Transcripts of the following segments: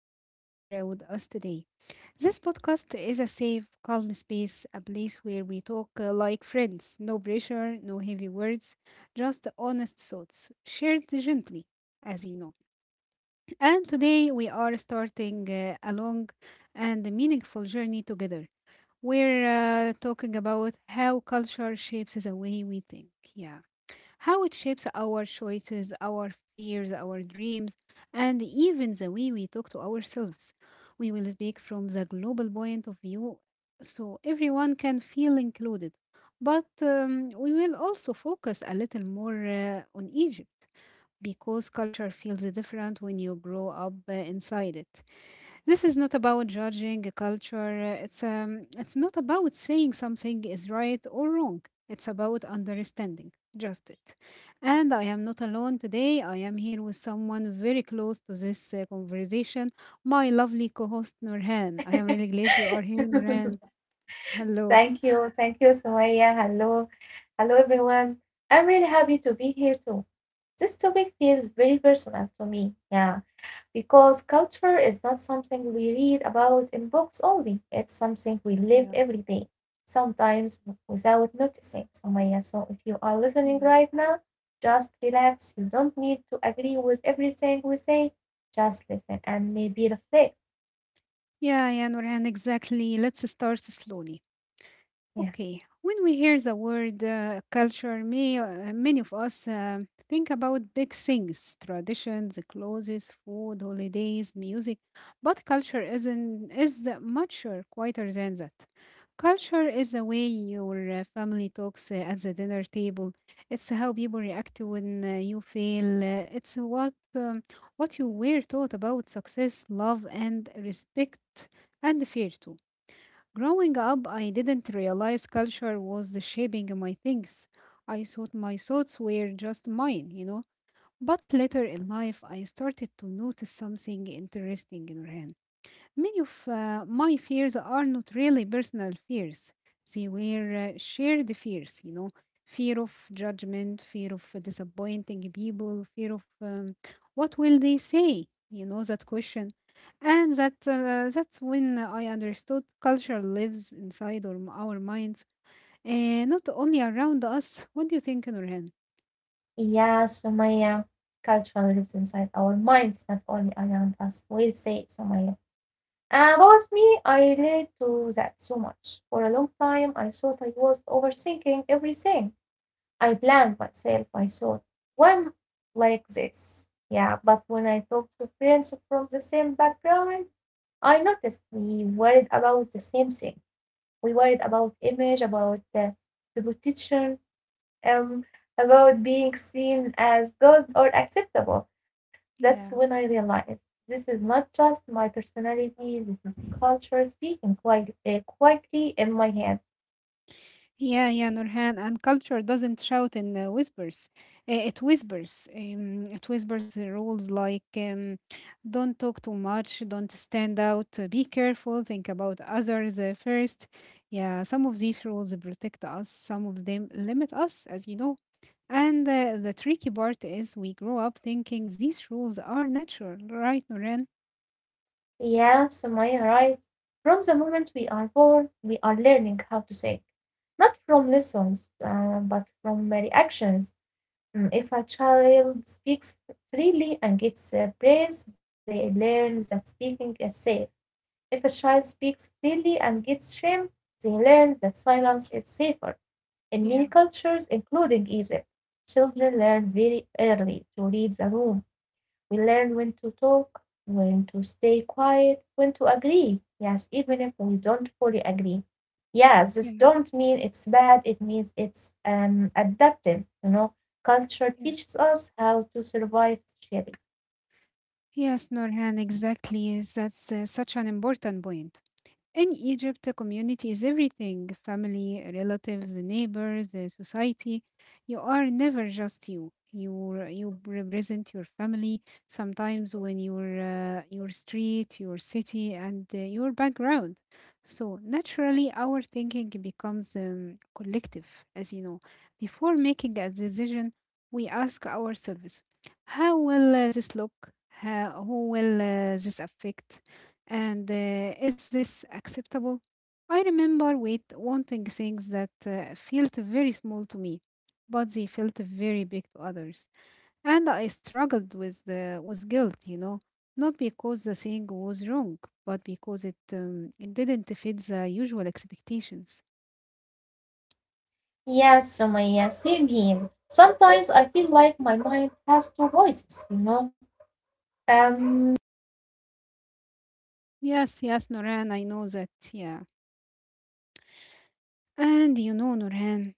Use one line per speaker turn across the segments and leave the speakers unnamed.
happy you are here with us today. This podcast is a safe, calm space, a place where we talk like friends. No pressure, no heavy words, just honest thoughts, shared gently, as you know. And today we are starting a long and meaningful journey together. We're talking about how culture shapes the way we think. Yeah, how it shapes our choices, our fears, our dreams, and even the way we talk to ourselves. We will speak from the global point of view so everyone can feel included. But we will also focus a little more on Egypt because culture feels different when you grow up inside it. This is not about judging a culture. It's not about saying something is right or wrong. It's about understanding, just it. And I am not alone today. I am here with someone very close to this conversation, my lovely co-host Nurhan. I am really glad you are here, Nurhan. Hello.
Thank you. Thank you, Sumaya. Hello. Hello, everyone. I'm really happy to be here too. This topic feels very personal to me. Yeah. Because culture is not something we read about in books only, it's something we live
Yeah.
every day, sometimes without noticing, Sumaya. So if you are listening
Yeah.
right now, just relax. You don't need to agree with everything we say. Just listen and maybe reflect.
Yeah, yeah, Nurhan, exactly. Let's start slowly.
Yeah.
Okay, when we hear the word culture, many of us think about big things: traditions, clothes, food, holidays, music. But culture isn't, is much quieter than that. Culture is the way your family talks at the dinner table. It's how people react when you fail. It's what you were taught about success, love, and respect, and fear too. Growing up, I didn't realize culture was the shaping my things. I thought my thoughts were just mine. But later in life, I started to notice something interesting in Rehan. Many of my fears are not really personal fears. They were shared fears, fear of judgment, fear of disappointing people, fear of what will they say, that question. And that's when I understood culture lives inside our minds, not only around us. What do you think, Nurhan?
Yeah, Sumaya, culture lives inside our minds, not only around us. We say it, Sumaya. About me, I relate to that so much. For a long time, I thought I was overthinking everything. I blamed myself. I thought, why am I like this? Yeah, but when I talk to friends from the same background, I noticed we worried about the same things. We worried about image, about the reputation, um, about being seen as good or acceptable. That's when
Yeah.
I realized this is not just my personality, this is culture speaking quite, quietly in my head.
Yeah, yeah, Nurhan. And culture doesn't shout in whispers. It whispers. It whispers the rules, like don't talk too much, don't stand out, be careful, think about others first. Yeah, some of these rules protect us, some of them limit us, as you know. And the tricky part is we grow up thinking these rules are natural, right, Nurhan?
Yeah, Sumaya, right. From the moment we are born, we are learning how to think, not from lessons, but from reactions. Mm, if a child speaks freely and gets praise, they learn that speaking is safe. If a child speaks freely and gets shamed, they learn that silence is safer. In many
Yeah,
cultures, including Egypt, children learn very early to read the room. We learn when to talk, when to stay quiet, when to agree. Yes, even if we don't fully agree. Yes, this
yeah,
don't mean it's bad. It means it's adaptive. You know, culture teaches
yes.
us how to survive socially.
Yes, Norhan, exactly. That's such an important point. In Egypt, a community is everything: family, relatives, neighbors, society. You are never just you. You represent your family sometimes, when your street, your city, and your background. So naturally, our thinking becomes collective, as you know. Before making a decision, we ask ourselves, "How will this look? Who will this affect? And is this acceptable?" I remember wanting things that felt very small to me, but they felt very big to others. And I struggled with guilt, not because the thing was wrong, but because it didn't fit the usual expectations.
Yeah, Sumaya, same here. Sometimes I feel like my mind has two voices, you know? Um,
Yes, yes, Noran, I know that, yeah. And you know, Noran.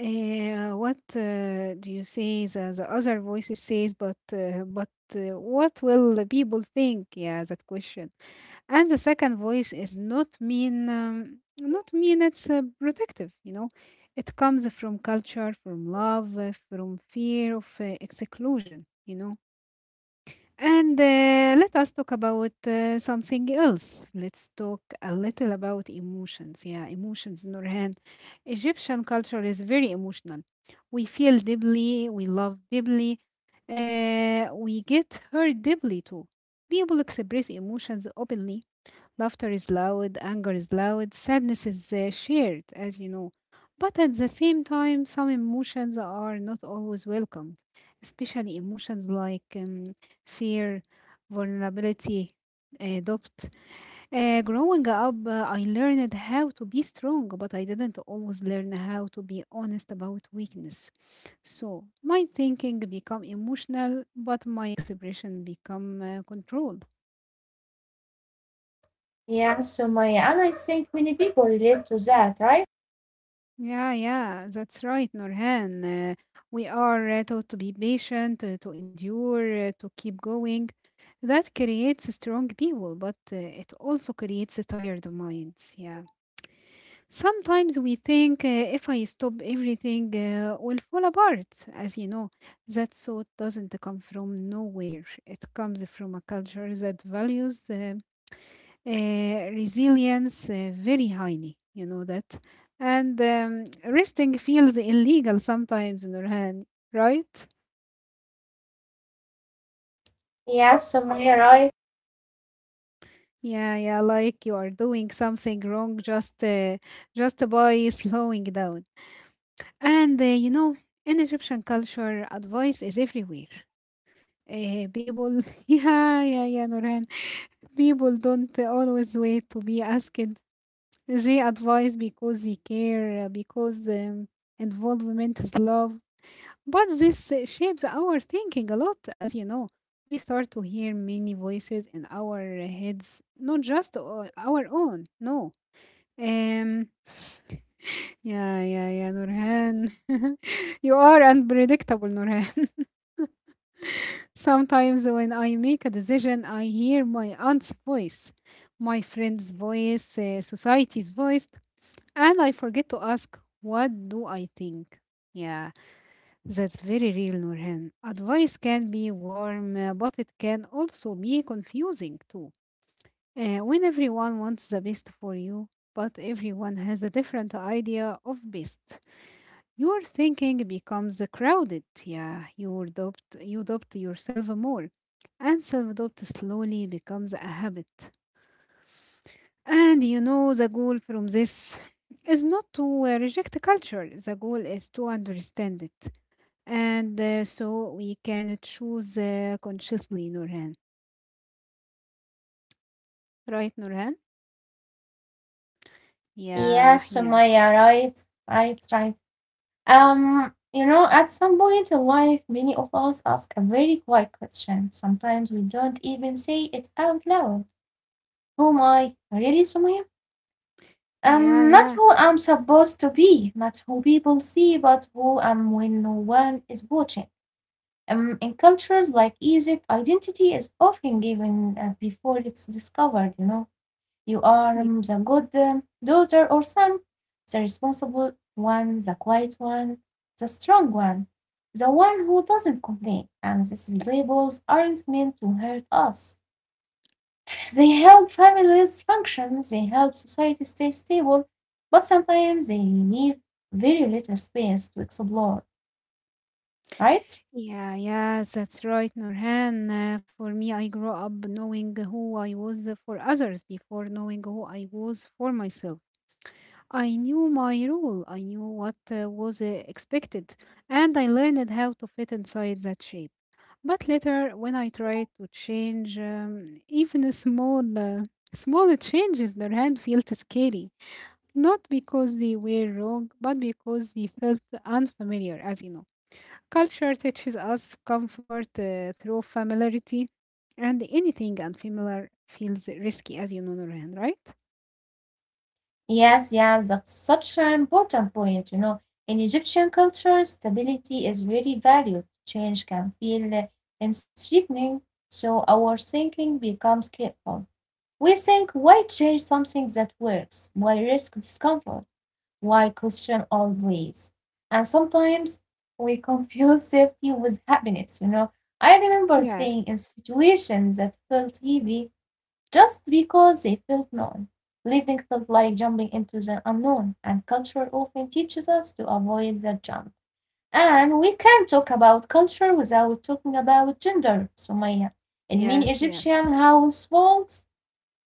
What do you say, the other voices says, but what will the people think, yeah, that question. And the second voice is not mean, it's protective, it comes from culture, from love, from fear of exclusion. And let us talk about something else. Let's talk a little about emotions. Yeah, emotions, Nurhan. Egyptian culture is very emotional. We feel deeply, we love deeply, we get hurt deeply too. People express emotions openly. Laughter is loud, anger is loud, sadness is shared, as you know. But at the same time, some emotions are not always welcomed, especially emotions like fear, vulnerability, doubt. Growing up, I learned how to be strong, but I didn't always learn how to be honest about weakness. So my thinking become emotional, but my expression become control.
yeah, Sumaya, and I think many people relate to that, right?
Yeah, yeah, that's right, Nurhan. Uh, we are taught to be patient, to endure, to keep going. That creates strong people, but it also creates tired minds. Yeah. Sometimes we think, if I stop, everything will fall apart. As you know, that thought doesn't come from nowhere. It comes from a culture that values resilience very highly. You know that. And resting feels illegal sometimes, Nurhan, right?
Yeah, Sumaya, right?
Yeah, yeah, like you are doing something wrong, just by slowing down. And in Egyptian culture, advice is everywhere. People, yeah, yeah, yeah, Nurhan. People don't always wait to be asked. They advise because they care, because involvement is love. But this shapes our thinking a lot, as you know. We start to hear many voices in our heads, not just our own, no. Um, yeah, yeah, yeah, Nurhan. You are unpredictable, Nurhan. Sometimes when I make a decision, I hear my aunt's voice, my friend's voice, society's voice, and I forget to ask, what do I think? Yeah. That's very real, Nurhan. Advice can be warm, but it can also be confusing too. When everyone wants the best for you, but everyone has a different idea of best, your thinking becomes crowded. Yeah, you doubt yourself more, and self doubt slowly becomes a habit. And the goal from this is not to reject culture, the goal is to understand it. And so we can choose consciously, Nurhan. Right, Nurhan?
Yeah,
Yeah, yeah,
Sumaya, right? Right, right. You know, at some point in life, many of us ask a very quiet question. Sometimes we don't even say it out loud. Who am I? Really, Sumaya?
yeah,
Not
yeah.
who I'm supposed to be, not who people see, but who I'm when no one is watching. In cultures like Egypt, identity is often given before it's discovered. You know, you are
y-
the good daughter or son, the responsible one, the quiet one, the strong one, the one who doesn't complain. And these labels aren't meant to hurt us. They help families function, they help society stay stable, but sometimes they need very little space to explore, right?
Yeah, yeah, that's right, Nurhan. For me, I grew up knowing who I was for others before knowing who I was for myself. I knew my role, I knew what was expected, and I learned how to fit inside that shape. But later, when I tried to change, even a small changes, their hand felt scary. Not because they were wrong, but because they felt unfamiliar, as you know. Culture teaches us comfort through familiarity, and anything unfamiliar feels risky, as you know, Nurhan, right?
Yes, yes, that's such an important point. You know, in Egyptian culture, stability is very valued. Change can feel and threatening, so our thinking becomes careful. We think, why change something that works? Why risk discomfort? Why question always. And sometimes we confuse safety with happiness, you know. I remember
Yeah.
staying in situations that felt heavy just because they felt known. Living felt like jumping into the unknown, and culture often teaches us to avoid that jump. And we can't talk about culture without talking about gender, Sumaya. In many
Yes, yes,
Egyptian households,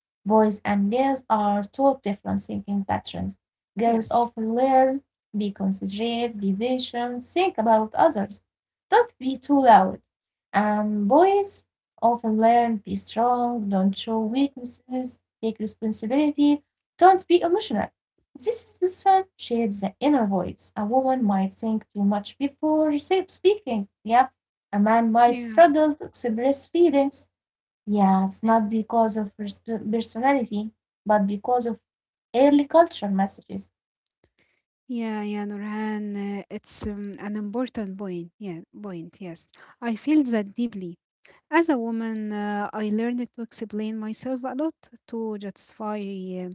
boys and girls are taught different thinking patterns. Girls
yes.
often learn be considerate, be patient, think about others, don't be too loud. And boys often learn be strong, don't show weaknesses, take responsibility, don't be emotional. This lesson shapes the inner voice. A woman might think too much before speaking. Yep. A man might
Yeah.
struggle to express feelings. Yes, not because of personality, but because of early cultural messages.
Yeah, yeah, Nurhan, it's an important point. Yeah, point, yes. I feel that deeply. As a woman, I learned to explain myself a lot, to justify uh,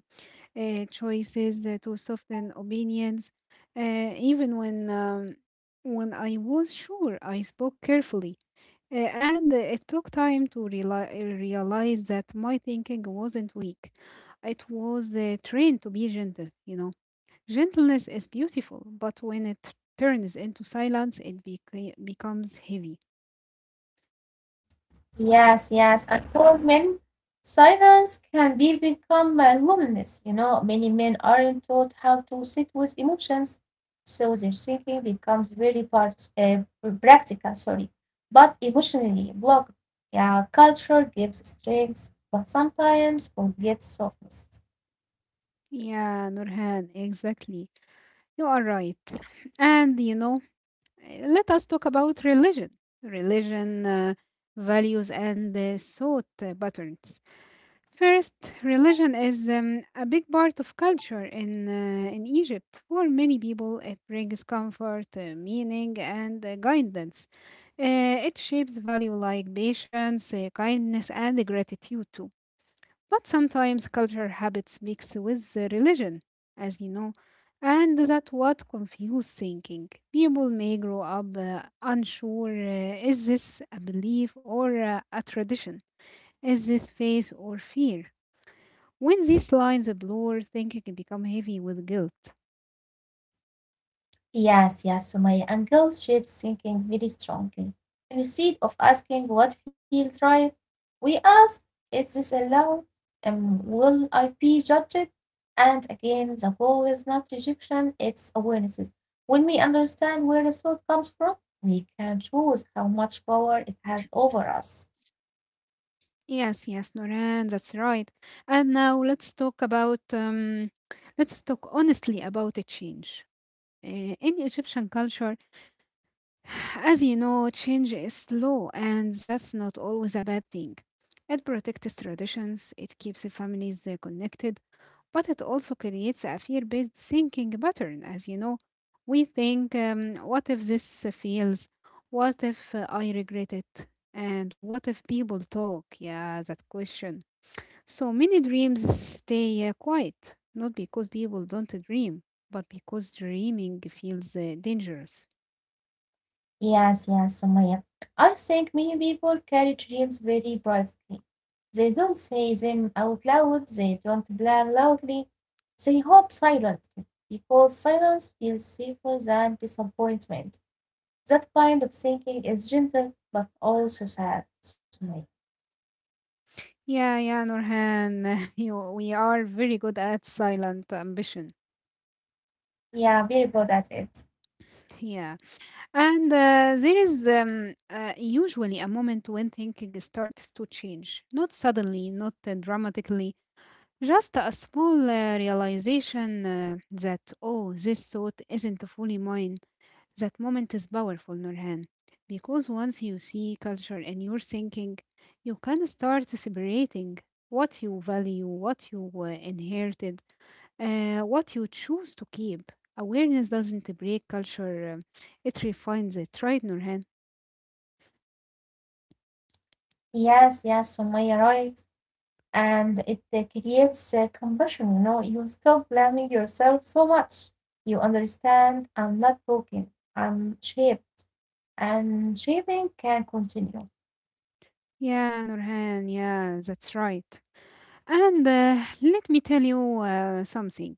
choices, to soften opinions. Even when when I was sure, I spoke carefully, and it took time to realize that my thinking wasn't weak. It was trained to be gentle. Gentleness is beautiful, but when it turns into silence, it becomes heavy.
Yes, yes. And for men, silence can be become a loneliness. You know, many men aren't taught how to sit with emotions, so their thinking becomes very practical, sorry, but emotionally blocked. Yeah, culture gives strength, but sometimes forgets softness.
Yeah, Nurhan, exactly. You are right. And let us talk about religion, religion, uh, values, and thought patterns. First, religion is a big part of culture in Egypt. For many people, it brings comfort, meaning, and guidance. It shapes value like patience, kindness, and gratitude too. But sometimes cultural habits mix with the religion, as you know, and that what confuse thinking. People may grow up unsure, is this a belief or a tradition? Is this faith or fear? When these lines blur, thinking can become heavy with guilt.
Yes, yes, Sumaya. And guilt shapes thinking very strongly. Instead of asking what feels right, we ask, is this allowed? And will I be judged? And again, the goal is not rejection, it's awarenesses. When we understand where the thought comes from, we can choose how much power it has over us.
Yes, yes, Noran, that's right. And now let's talk about let's talk honestly about a change. In Egyptian culture, as you know, change is slow, and that's not always a bad thing. It protects traditions, it keeps the families connected, but it also creates a fear based thinking pattern. As you know, we think, what if this fails? What if I regret it? And what if people talk? Yeah, that question. So many dreams stay quiet, not because people don't dream, but because dreaming feels dangerous.
Yes, yes, Sumaya. I think many people carry dreams very privately. They don't say them out loud, they don't plan loudly, they hope silently, because silence feels safer than disappointment. That kind of thinking is gentle but also sad, Sumaya.
Yeah, yeah, Nurhan, we are very good at silent ambition.
Yeah, very good at it.
Yeah. And there is usually a moment when thinking starts to change. Not suddenly, not dramatically, just a small realization that, oh, this thought isn't fully mine. That moment is powerful, Nurhan. Because once you see culture in your thinking, you can start separating what you value, what you inherited, what you choose to keep. Awareness doesn't break culture, it refines it, right, Nurhan?
Yes, yes, Sumaya, right. And it creates compassion. You know, you stop blaming yourself so much. You understand I'm not broken, I'm shaped, and shaping can continue.
Yeah, Nurhan, yeah, that's right. And let me tell you something.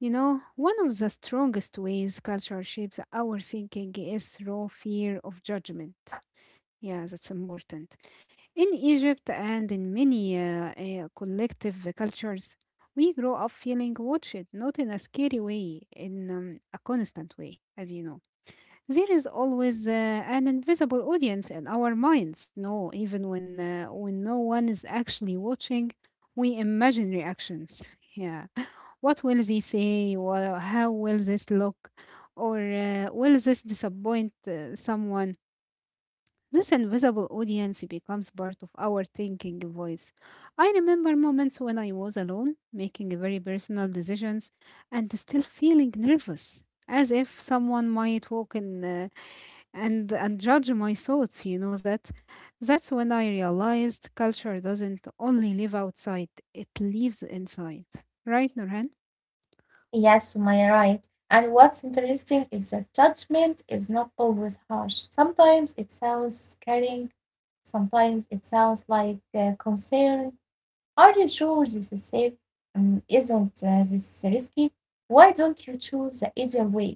One of the strongest ways culture shapes our thinking is raw fear of judgment. Yeah, that's important. In Egypt and in many collective cultures, we grow up feeling watched, not in a scary way, in a constant way, as you know. There is always an invisible audience in our minds. No, even when no one is actually watching, we imagine reactions. Yeah, what will they say? How will this look? Or will this disappoint someone? This invisible audience becomes part of our thinking voice. I remember moments when I was alone, making very personal decisions, and still feeling nervous, as if someone might walk in and judge my thoughts. You know that. That's when I realized culture doesn't only live outside; it lives inside. Right, Nurhan?
Yes, Sumaya, right. And what's interesting is that judgment is not always harsh. Sometimes it sounds caring, sometimes it sounds like concern, are you sure this is safe? Isn't this risky? Why don't you choose the easier way?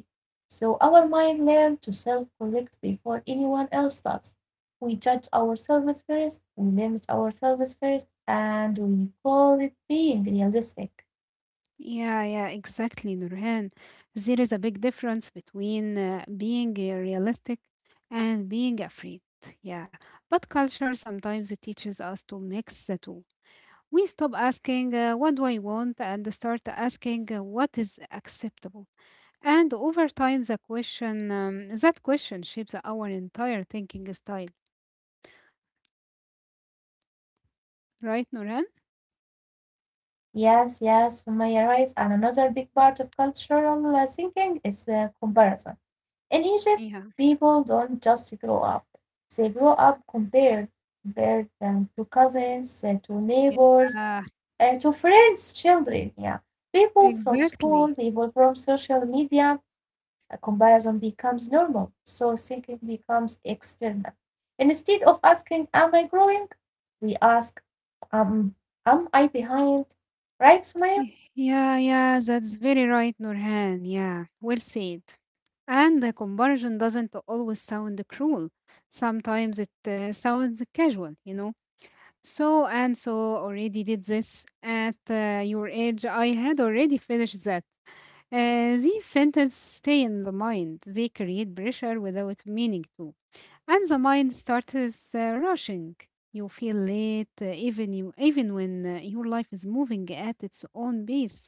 So our mind learns to self correct before anyone else does. We judge ourselves first, we limit ourselves first, and we call it being realistic.
Yeah, yeah, exactly, Nurhan. There is a big difference between being realistic and being afraid. Yeah, but culture sometimes it teaches us to mix the two. We stop asking, what do I want, and start asking, what is acceptable. And over time, that question shapes our entire thinking style, right, Nurhan?
Yes, yes, Sumaya writes, and another big part of cultural thinking is comparison. In Egypt,
Yeah,
people don't just grow up, they grow up compared, compared to cousins, to neighbors,
yeah,
to friends, children, yeah. People from school,
exactly.
people from social media, a comparison becomes normal. So thinking becomes external. Instead of asking, am I growing? We ask, um, am I behind? Right, Sumaya?
Yeah, that's very right, Nurhan. Yeah, well said. And the comparison doesn't always sound cruel. Sometimes it sounds casual, you know. So and so already did this at your age. I had already finished that. These sentences stay in the mind. They create pressure without meaning to, and the mind starts rushing. You feel late, even when your life is moving at its own pace.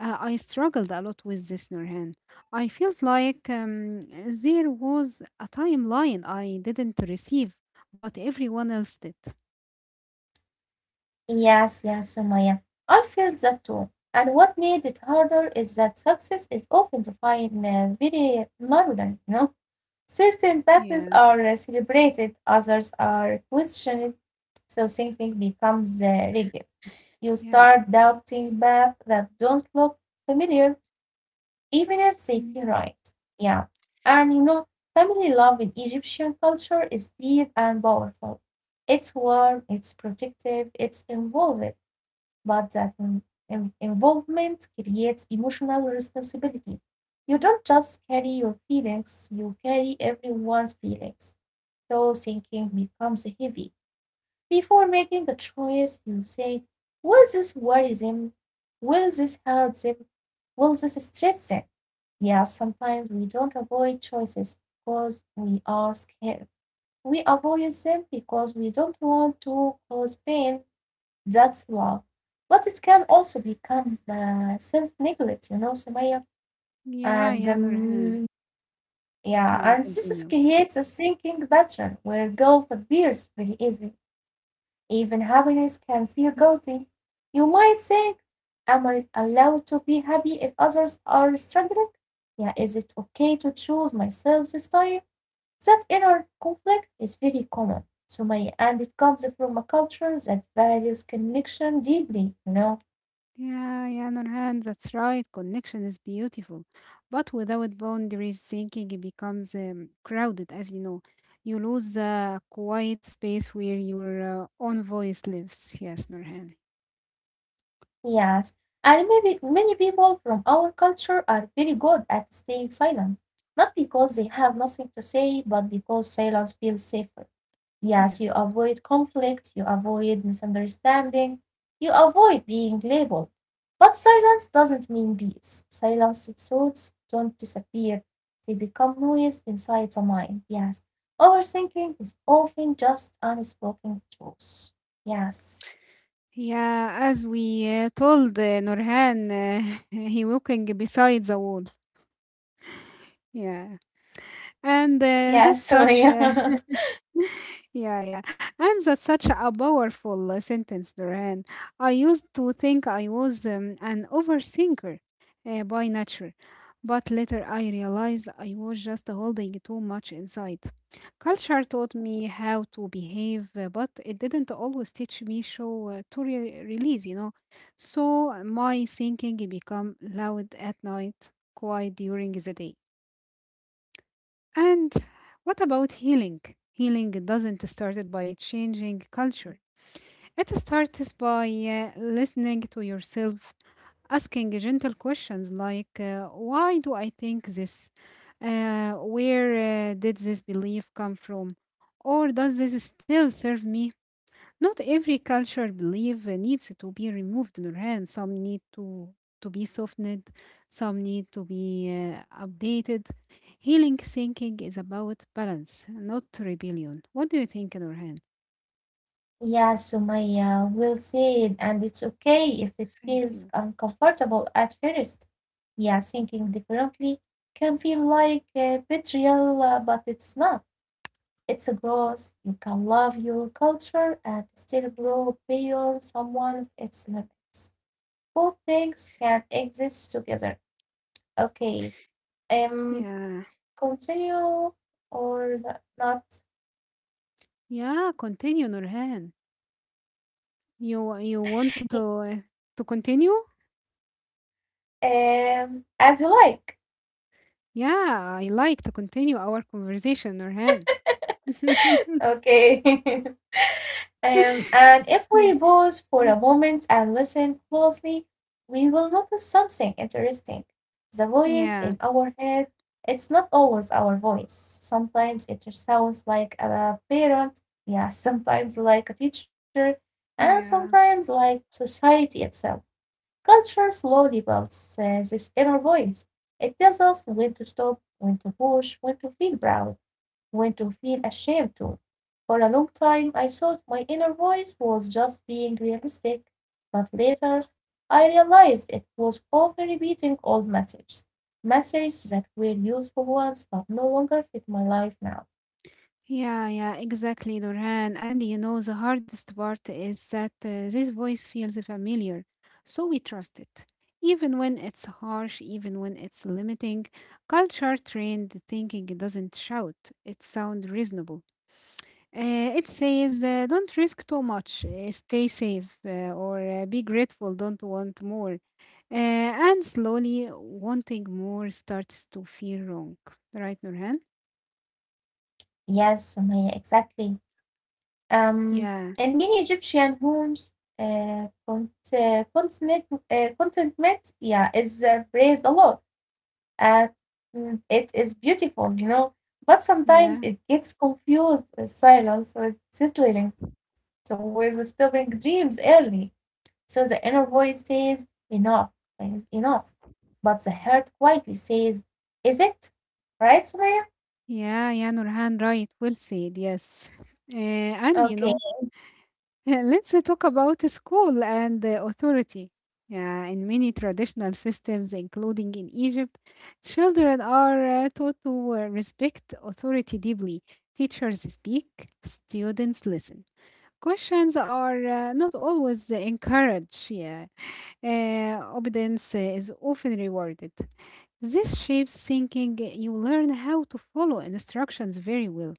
I struggled a lot with this, Nurhan. I felt like there was a timeline I didn't receive, but everyone else did.
Yes, yes, Sumaya. I felt that too. And what made it harder is that success is often defined very narrowly, you know. Certain paths
Yeah,
are celebrated, others are questioned, so thinking becomes rigid. You
yeah.
start doubting paths that don't look familiar, even if they feel
Mm.
right. Yeah. And you know, family love in Egyptian culture is deep and powerful. It's warm, it's protective, it's involved but that involvement creates emotional responsibility. You don't just carry your feelings, you carry everyone's feelings. So thinking becomes heavy. Before making a choice, you say, will this worry them? Will this hurt them? Will this stress them? Yeah, sometimes we don't avoid choices because we are scared. We avoid them because we don't want to cause pain that's love. But it can also become self neglect, you know, Sumaya.
Yeah, yeah,
And
Nurhan.
yeah,
Yeah,
and this
continue.
creates a thinking pattern where guilt appears very easily. Even happiness can feel guilty. You might think, am I allowed to be happy if others are struggling? Yeah, is it okay to choose myself this time? That inner conflict is very common, Sumaya, and it comes from a culture that values connection deeply, you know.
Yeah, yeah, Nurhan, that's right. Connection is beautiful. But without boundaries, thinking it becomes crowded, as you know. You lose a quiet space where your own voice lives. Yes, Nurhan.
Yes, and maybe many people from our culture are very good at staying silent, not because they have nothing to say, but because silence feels safer. Yes, you
Yes.
avoid conflict, you avoid misunderstanding, you avoid being labeled. But silence doesn't mean peace. Silenced thoughts don't disappear, they become noise inside the mind. Yes, overthinking is often just unspoken truths. Yes,
Yeah, as we told Nurhan, he walking beside the wall. Yeah, and that's
yes,
such
Sumaya.
a Yeah, yeah. And that's such a powerful sentence, Duran. I used to think I was an overthinker by nature, but later I realized I was just holding too much inside. Culture taught me how to behave, but it didn't always teach me show release, you know. So my thinking become loud at night, quiet during the day. And what about healing? Healing doesn't start by changing culture. It starts by listening to yourself, asking gentle questions like, why do I think this? Where did this belief come from? Or does this still serve me? Not every cultural belief needs to be removed, Nurhan. Some need to be softened, some need to be updated. Healing thinking is about balance, not rebellion. What do you think, Nurhan?
Yeah, Sumaya, well it, and it's okay if it feels
Thank you.
uncomfortable at first. Yeah, thinking differently can feel like betrayal, but it's not. It's a growth. You can love your culture and still grow beyond someone of its limits. Both things can exist together. Okay, um,
Yeah,
continue or not?
yeah. Continue, Nurhan. You want to continue?
As you like.
Yeah, I like to continue our conversation, Nurhan.
Okay. And if
yeah,
we pause for a moment and listen closely, we will notice something interesting. The voice in
yeah,
our head, it's not always our voice. Sometimes it sounds like a parent, yeah, sometimes like a teacher, and
yeah.
sometimes like society itself. Culture slowly builds this inner voice. It tells us when to stop, when to push, when to feel proud when to feel ashamed too. For a long time I thought my inner voice was just being realistic, but later I realized it was often repeating old messages, messages that were useful once but no longer fit my life now.
Yeah, yeah, exactly, Nurhan. And you know, the hardest part is that this voice feels familiar, so we trust it. Even when it's harsh, even when it's limiting, culture trained thinking doesn't shout, it sounds reasonable. It says, don't risk too much, stay safe, or be grateful, don't want more. Uh, and slowly, wanting more starts to feel wrong. Right, Nurhan?
Yes, Sumaya, exactly. Um,
Yeah,
in many Egyptian homes, contentment, contentment, yeah, is praised a lot. And it is beautiful, you know. But sometimes
yeah.
it gets confused with silence, with settling, so with stopping dreams early. So the inner voice says, enough, is enough. But the heart quietly says, is it? Right, Sumaya?
Yeah, yeah, Nurhan, right. Well said, yes. And you
Okay.
know, let's talk about the school and authority. Yeah, in many traditional systems, including in Egypt, children are taught to respect authority deeply. Teachers speak, students listen. Questions are not always encouraged. Yeah, obedience is often rewarded. This shapes thinking you learn how to follow instructions very well,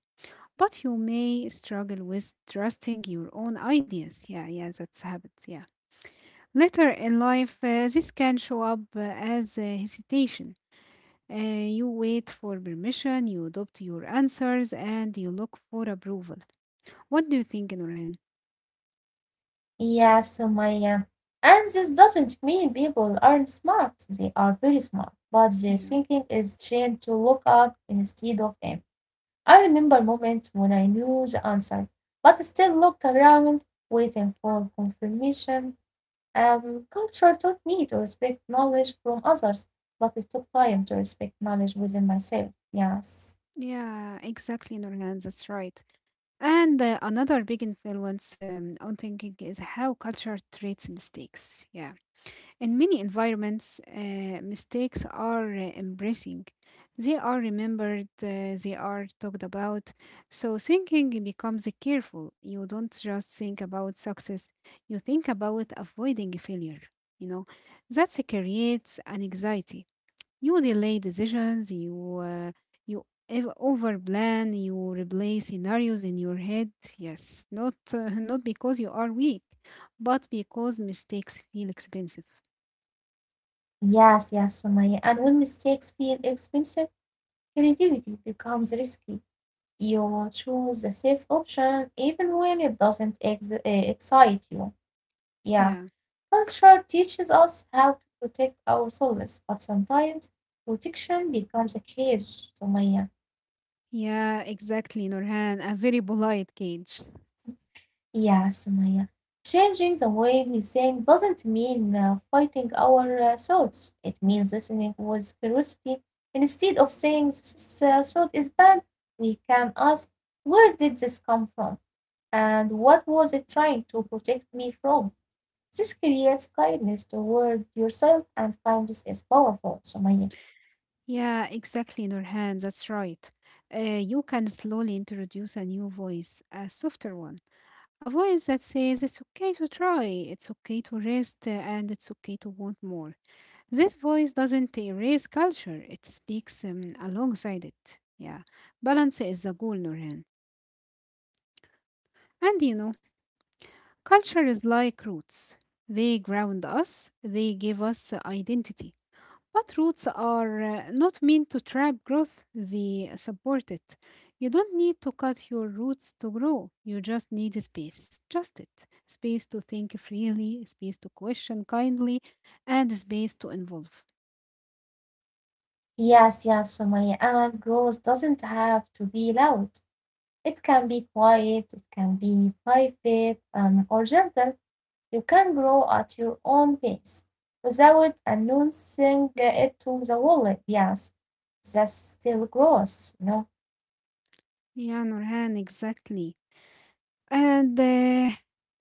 but you may struggle with trusting your own ideas. Yeah, yeah, that's habits. Yeah. Later in life, this can show up as hesitation. You wait for permission, you adopt your answers, and you look for approval. What do you think, Norhan?
Yeah, Sumaya. And this doesn't mean people aren't smart. They are very smart. But their
Yeah,
thinking is trained to look up instead of in. I remember moments when I knew the answer, but still looked around, waiting for confirmation. Culture taught me to respect knowledge from others, but it took time to respect knowledge within myself. Yes,
yeah, exactly, Norhan. That's right. And another big influence on thinking is how culture treats mistakes. Yeah. In many environments, mistakes are embracing. They are remembered, they are talked about. So thinking becomes careful. You don't just think about success, you think about avoiding failure. You know, that creates an anxiety. You delay decisions, you overplan, you replay scenarios in your head. Yes, not not because you are weak, but because mistakes feel expensive.
yes, yes, Sumaya. And when mistakes feel expensive, creativity becomes risky. You choose the safe option even when it doesn't excite you. Yeah,
Yeah.
culture teaches us how to protect ourselves, but sometimes protection becomes a cage, Sumaya.
Yeah, exactly, Nurhan. A very polite cage.
Yeah, Sumaya. Changing the way we think doesn't mean fighting our thoughts. It means listening with curiosity. Instead of saying this thought is bad, we can ask, where did this come from? And what was it trying to protect me from? This creates kindness toward yourself, and kindness is powerful, Sumaya.
Yeah, exactly, Nurhan. That's right. Uh, you can slowly introduce a new voice, a softer one, a voice that says it's okay to try, it's okay to rest, and it's okay to want more. This voice doesn't erase culture, it speaks alongside it. Yeah. Balance is the goal, Nurhan. And you know, culture is like roots. They ground us, they give us identity. But roots are not meant to trap growth, they support it. You don't need to cut your roots to grow. You just need space. Just it. Space to think freely, space to question kindly, and space to involve.
Yes, yes. So my growth doesn't have to be loud. It can be quiet, it can be private, or gentle. You can grow at your own pace without announcing it to the world. Yes, that's still gross, you know?
Yeah, Nurhan, exactly. And uh,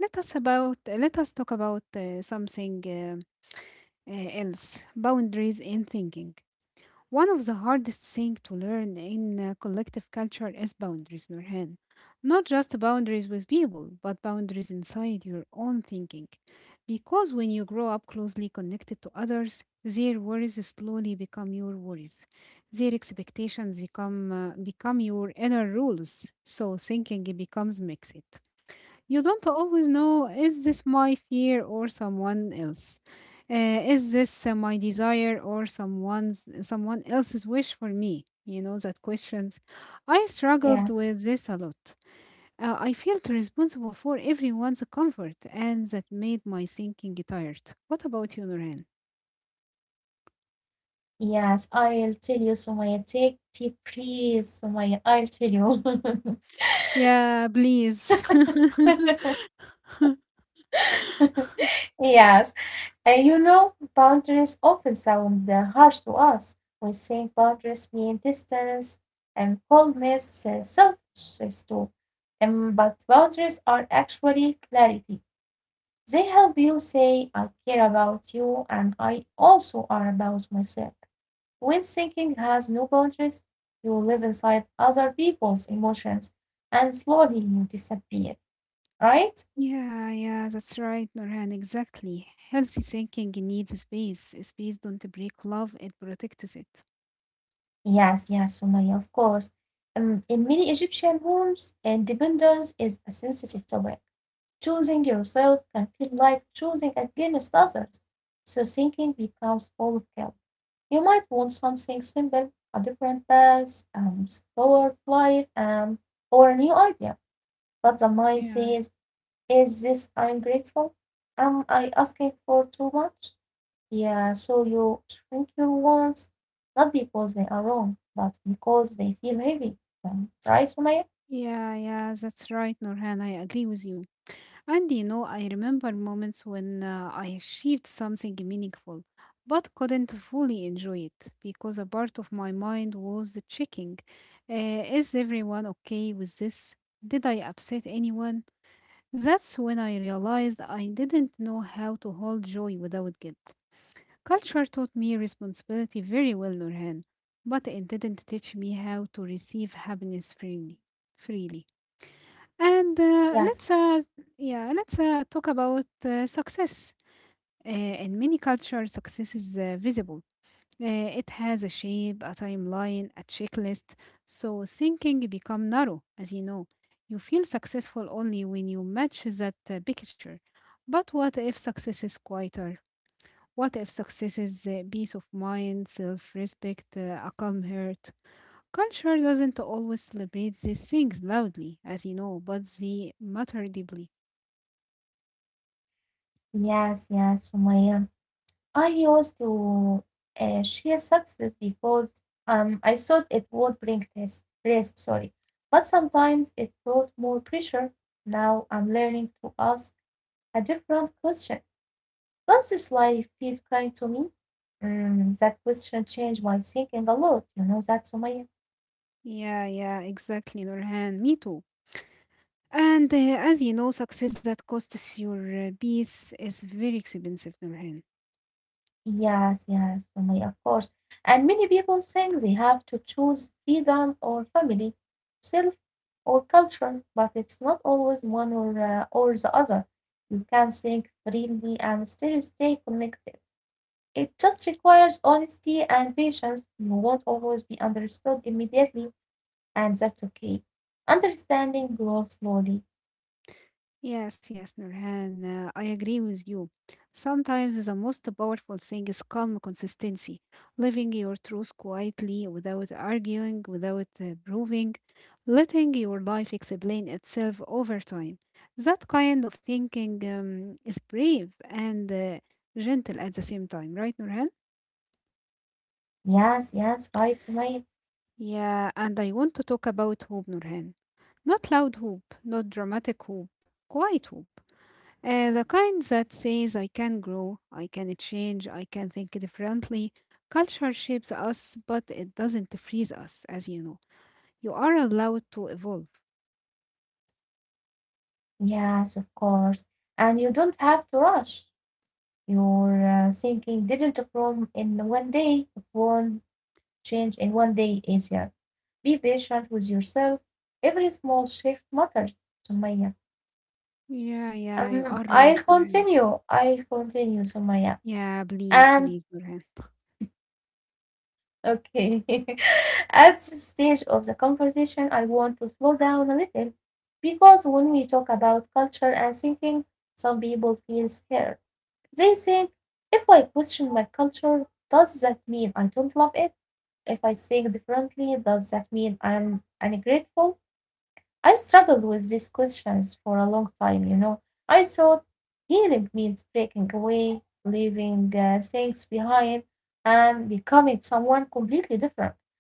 let us about let us talk about something else: boundaries in thinking. One of the hardest things to learn in collective culture is boundaries, Nurhan. Not just boundaries with people, but boundaries inside your own thinking. Because when you grow up closely connected to others, their worries slowly become your worries. Their expectations become, become your inner rules. So thinking becomes mixed. You don't always know is this my fear or someone else? Is this my desire or someone else's wish for me? You know that questions. I struggled with
Yes,
this a lot. I felt responsible for everyone's comfort, and that made my thinking tired. What about you, Norhan?
yes. I'll tell you, Sumaya, take deep breaths, Sumaya. I'll tell
Yeah, please.
you. Yes, and you know, boundaries often sound harsh to us. We think boundaries mean distance and coldness, selfishness too. But boundaries are actually clarity. They help you say, I care about you and I also are about myself. When thinking has no boundaries, you live inside other people's emotions and slowly you disappear, right?
Yeah, yeah, that's right, Norhan. Exactly. Healthy thinking needs space. Space don't break love, it protects it.
Yes, yes, Sumaya, of course. In many Egyptian homes, independence is a sensitive topic. Choosing yourself can feel like choosing against others, so thinking becomes full of guilt. You might want something simple, a different path, slower life, or a new idea, but the mind
Yeah,
says, is this ungrateful? Am I asking for too much? Yeah, so you shrink your wants, not because they are wrong, but because they feel heavy. Right, Sumaya?
yeah, yeah, that's right, Norhan. I agree with you. And you know, I remember moments when I achieved something meaningful, but couldn't fully enjoy it because a part of my mind was checking, is everyone okay with this? Did I upset anyone? That's when I realized I didn't know how to hold joy without guilt. Culture taught me responsibility very well, Norhan, but it didn't teach me how to receive happiness freely. Freely. And let's
Yes,
yeah, let's talk about success. Uh, in many cultures, success is visible. It has a shape, a timeline, a checklist. So thinking become narrow, as you know. You feel successful only when you match that picture. But what if success is quieter? What if success is peace of mind, self-respect, a calm heart? Culture doesn't always celebrate these things loudly, as you know, but they matter deeply.
yes, yes, Sumaya. I used to share success because I thought it would bring rest, rest, sorry. But sometimes it brought more pressure. Now I'm learning to ask a different question. Does this life feel kind to me? That question changed my thinking a lot. You know that, Sumaya?
Yeah, yeah, exactly, Nurhan. Me too. And as you know, success that costs your peace is very expensive, Nurhan.
Yes, yes, Sumaya, of course. And many people think they have to choose freedom or family, self or culture, but it's not always one or the other. You can think freely and still stay connected. It just requires honesty and patience. You won't always be understood immediately, and that's okay. Understanding grows slowly.
Yes, yes, Nurhan, I agree with you. Sometimes the most powerful thing is calm consistency, living your truth quietly without arguing, without proving, letting your life explain itself over time. That kind of thinking is brave and gentle at the same time, right, Nurhan?
Yes, yes, right, Sumaya.
Yeah, and I want to talk about hope, Nurhan. Not loud hope, not dramatic hope, quiet hope. The kind that says, I can grow, I can change, I can think differently. Culture shapes us, but it doesn't freeze us, as you know. You are allowed to evolve.
Yes, of course. And you don't have to rush. Your thinking didn't form in one day. It won't change in one day easier. Be patient with yourself. Every small shift matters, Sumaya.
Yeah, yeah, you are right,
I'll
Nurhan.
continue, Sumaya.
Yeah, please,
And
please, Nurhan.
Okay. At this stage of the conversation, I want to slow down a little, because when we talk about culture and thinking, some people feel scared. They think, if I question my culture, does that mean I don't love it? If I think differently, does that mean I'm ungrateful? I struggled with these questions for a long time. I thought healing means breaking away, leaving things behind, and becoming someone completely different.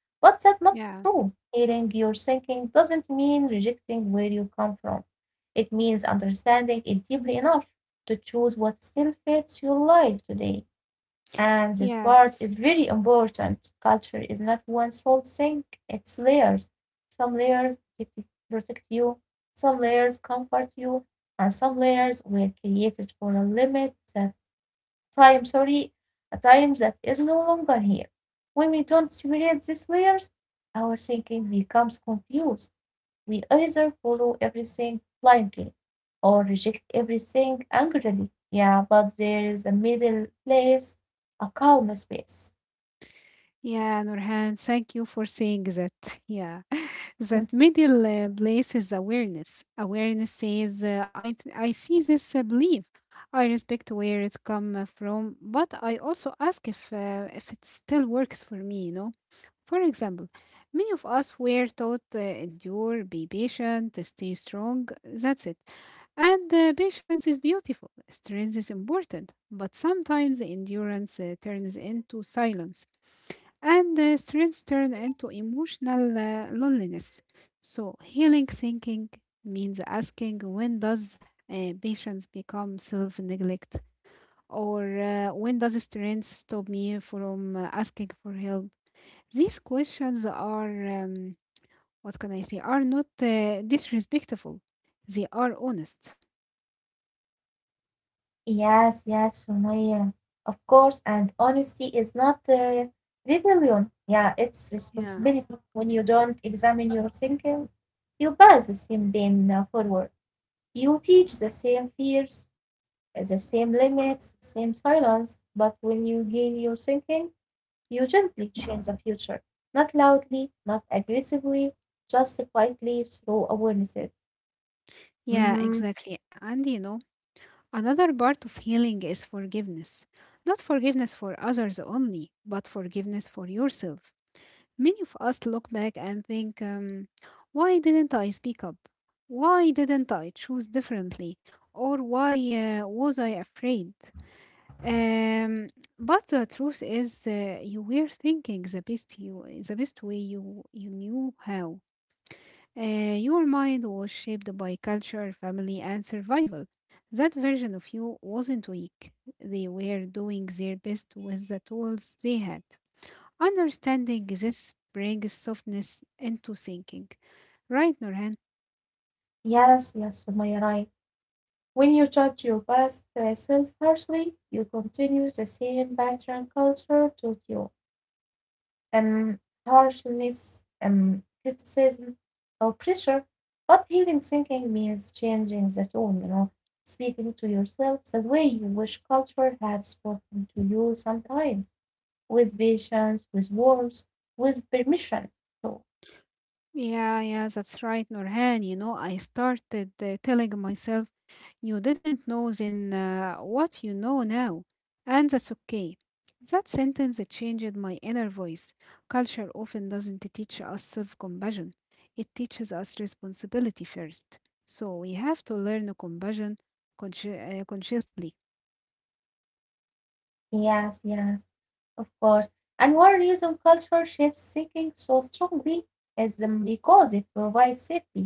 But that's not
Yeah,
true. Healing your thinking doesn't mean rejecting where you come from, it means understanding it deeply enough to choose what still fits your life today. And this part
yes.
is very important. Culture is not one sole thing, it's layers. Some layers protect- you, some layers comfort you, and some layers were created for a limit time sorry, a time that is no longer here. When we don't separate these layers, our thinking becomes confused. We either follow everything blindly or reject everything angrily. Yeah, but there is a middle place, a calm space.
Yeah, Nurhan, thank you for saying that. Yeah.
Mm.
That middle place is awareness. Awareness says, I see this belief. I respect where it come from, but I also ask if it still works for me, you know. For example, many of us were taught endure, be patient, stay strong. That's it. And patience is beautiful, strength is important, but sometimes endurance turns into silence and the stress turn into emotional loneliness. So, healing thinking means asking when does patience become self neglect, or when does strength stop me from asking for help? These questions are, what can I say, are not disrespectful, they are honest.
Yes, yes, Sumaya. Of course, and honesty is not rebellion. Yeah, it's
Yeah.
responsibility. When you don't examine your thinking, you pass the same pain forward. You teach the same fears, the same limits, same silence, but when you gain your thinking, you gently change the future, not loudly, not aggressively, just quietly through awarenesses.
Yeah,
Mm-hmm.
exactly. And you know, another part of healing is forgiveness. Not forgiveness for others only, but forgiveness for yourself. Many of us look back and think, why didn't I speak up? Why didn't I choose differently? Or why was I afraid? Um, but the truth is, you were thinking the best you, the best way you knew how. Your mind was shaped by culture, family, and survival. That version of you wasn't weak. They were doing their best with the tools they had. Understanding this brings softness into thinking. Right, Nurhan?
Yes, yes, Sumaya, right. When you judge your past self harshly, you continue the same pattern culture taught you: um, harshness, criticism, or pressure. But healing thinking means changing the tone, speaking to yourself the way you wish culture had spoken to you sometimes, with patience, with warmth, with permission. So,
Yeah, yeah, that's right, Nurhan. You know, I started telling myself, you didn't know then what you know now, and that's okay. That sentence it changed my inner voice. Culture often doesn't teach us self-compassion. It teaches us responsibility first. So we have to learn compassion consciously.
yes, yes, of course. And one reason culture shapes thinking so strongly is because it provides safety.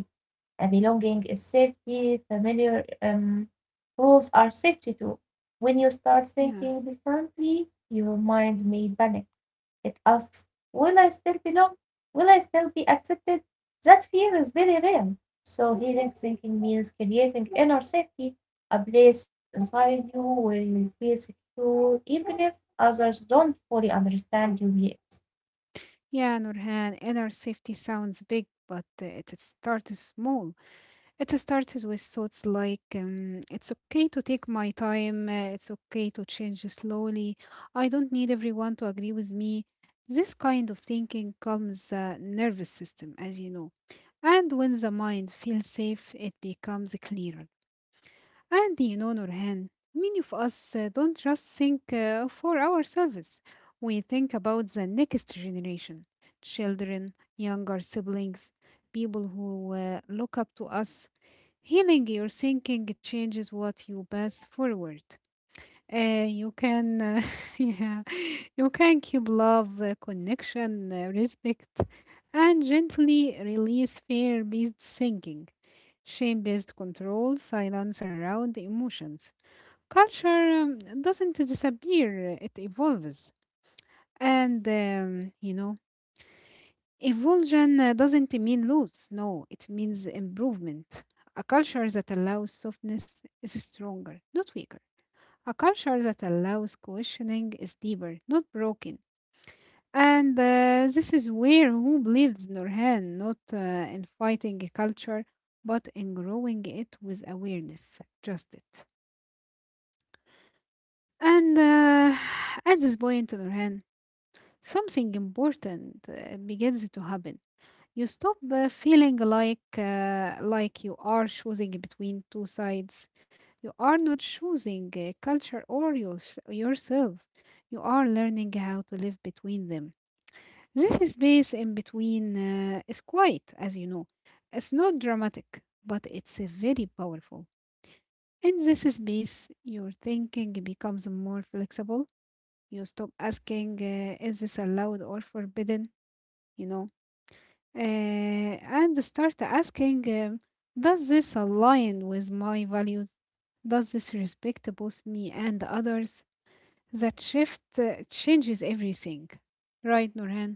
Belonging is safety, familiar rules are safety too. When you start
Yeah.
thinking differently, your mind may panic. It asks, will I still belong? Will I still be accepted? That fear is very real. So, healing thinking means creating inner safety, a place inside you where you feel secure, even if others don't fully understand you yet.
Yeah, Nurhan, inner safety sounds big, but it starts small. It starts with thoughts like, it's okay to take my time, it's okay to change slowly, I don't need everyone to agree with me. This kind of thinking calms the nervous system, as you know. And when the mind feels safe, it becomes clearer. And you know, Nurhan, many of us don't just think for ourselves. We think about the next generation children, younger siblings, people who look up to us. Healing your thinking changes what you pass forward. You can, yeah, you can keep love, connection, respect, and gently release fear-based thinking. Shame based control, silence around emotions. Culture doesn't disappear, it evolves. You know, evolution doesn't mean loss, no, it means improvement. A culture that allows softness is stronger, not weaker. A culture that allows questioning is deeper, not broken. And this is where who believes Nurhan, not in fighting a culture, but in growing it with awareness. Just it. And at this point, Nurhan, something important begins to happen. You stop feeling like you are choosing between two sides. You are not choosing a culture or your, yourself. You are learning how to live between them. This space in between is quiet, as you know. It's not dramatic, but it's very powerful. In this space, your thinking becomes more flexible. You stop asking, is this allowed or forbidden? You know, and start asking, does this align with my values? Does this respect both me and others? That shift changes everything. Right, Nurhan?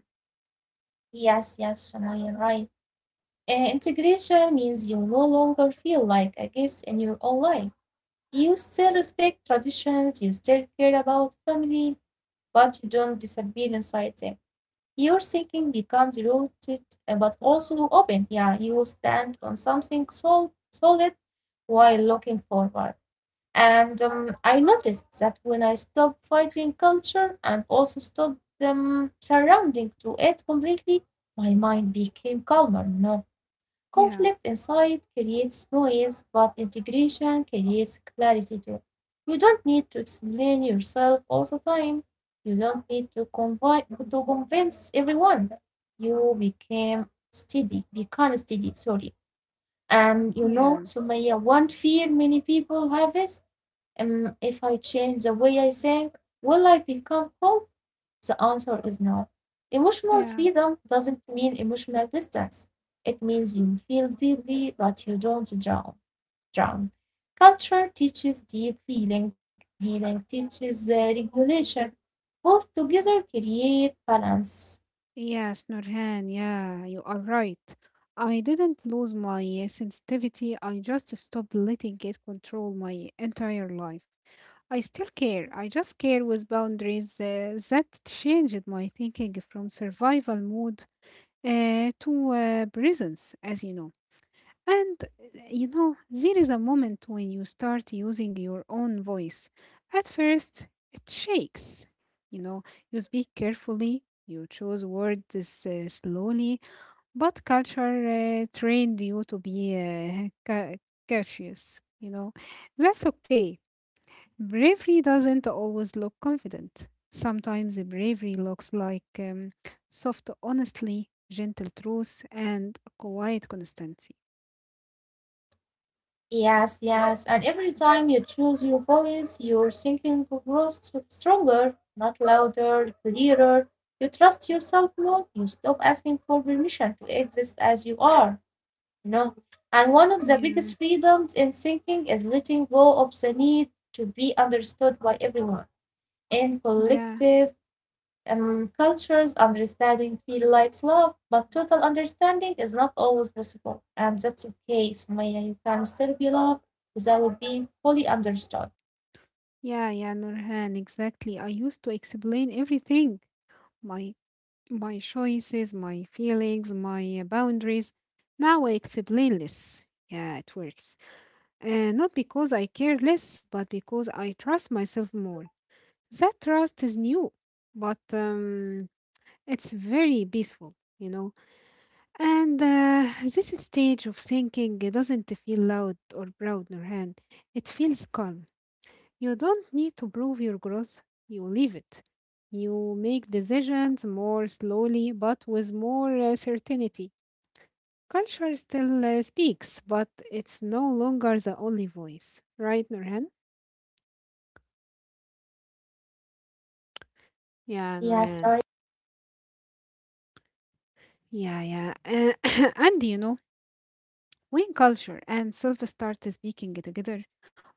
Yes, yes, Sumaya, right. Integration means you no longer feel like a guest in your own life. You still respect traditions, you still care about family, but you don't disappear inside them. Your thinking becomes rooted, but also open. Yeah, you stand on something solid while looking forward. And I noticed that when I stopped fighting culture and also stopped surrounding to it completely, my mind became calmer. No.
Yeah,
Conflict inside creates noise, but integration creates clarity too. You don't need to explain yourself all the time. You don't need to convince everyone. You became steady, become steady, sorry. And you know,
yeah,
Sumaya, one fear many people have is, if I change the way I think, will I become cold? The answer is no. Emotional
yeah.
freedom doesn't mean emotional distance. It means you feel deeply, but you don't drown. Culture teaches deep feeling, healing teaches regulation. Both together create balance.
Yes, Nurhan, yeah, you are right. I didn't lose my sensitivity, I just stopped letting it control my entire life. I still care, I just care with boundaries that changed my thinking from survival mode to presence, as you know. And you know, there is a moment when you start using your own voice. At first, it shakes. You know, you speak carefully, you choose words slowly, but culture trained you to be cautious. You know, that's okay. Bravery doesn't always look confident. Sometimes the bravery looks like soft honesty, gentle truth, and quiet constancy.
Yes, yes. And every time you choose your voice, your thinking grows stronger, not louder, clearer. You trust yourself more. You stop asking for permission to exist as you are. No. And one of the biggest freedoms in thinking is letting go of the need to be understood by everyone. In
Yeah,
collective cultures, understanding feel like love, but total understanding is not always possible. And that's okay, Sumaya. You can still be loved without being fully understood.
yeah, yeah, Nurhan, exactly. I used to explain everything, my my choices, my feelings, my boundaries. Now I explain less. Yeah, it works. And not because I care less, but because I trust myself more. That trust is new, but it's very peaceful, you know. And this stage of thinking doesn't feel loud or proud, Nurhan. It feels calm. You don't need to prove your growth, you live it. You make decisions more slowly but with more certainty. Culture still speaks, but it's no longer the only voice, right, Nurhan? Yeah,
Yes,
Nurhan.
right?
Yeah, yeah. And you know, when culture and self start speaking together,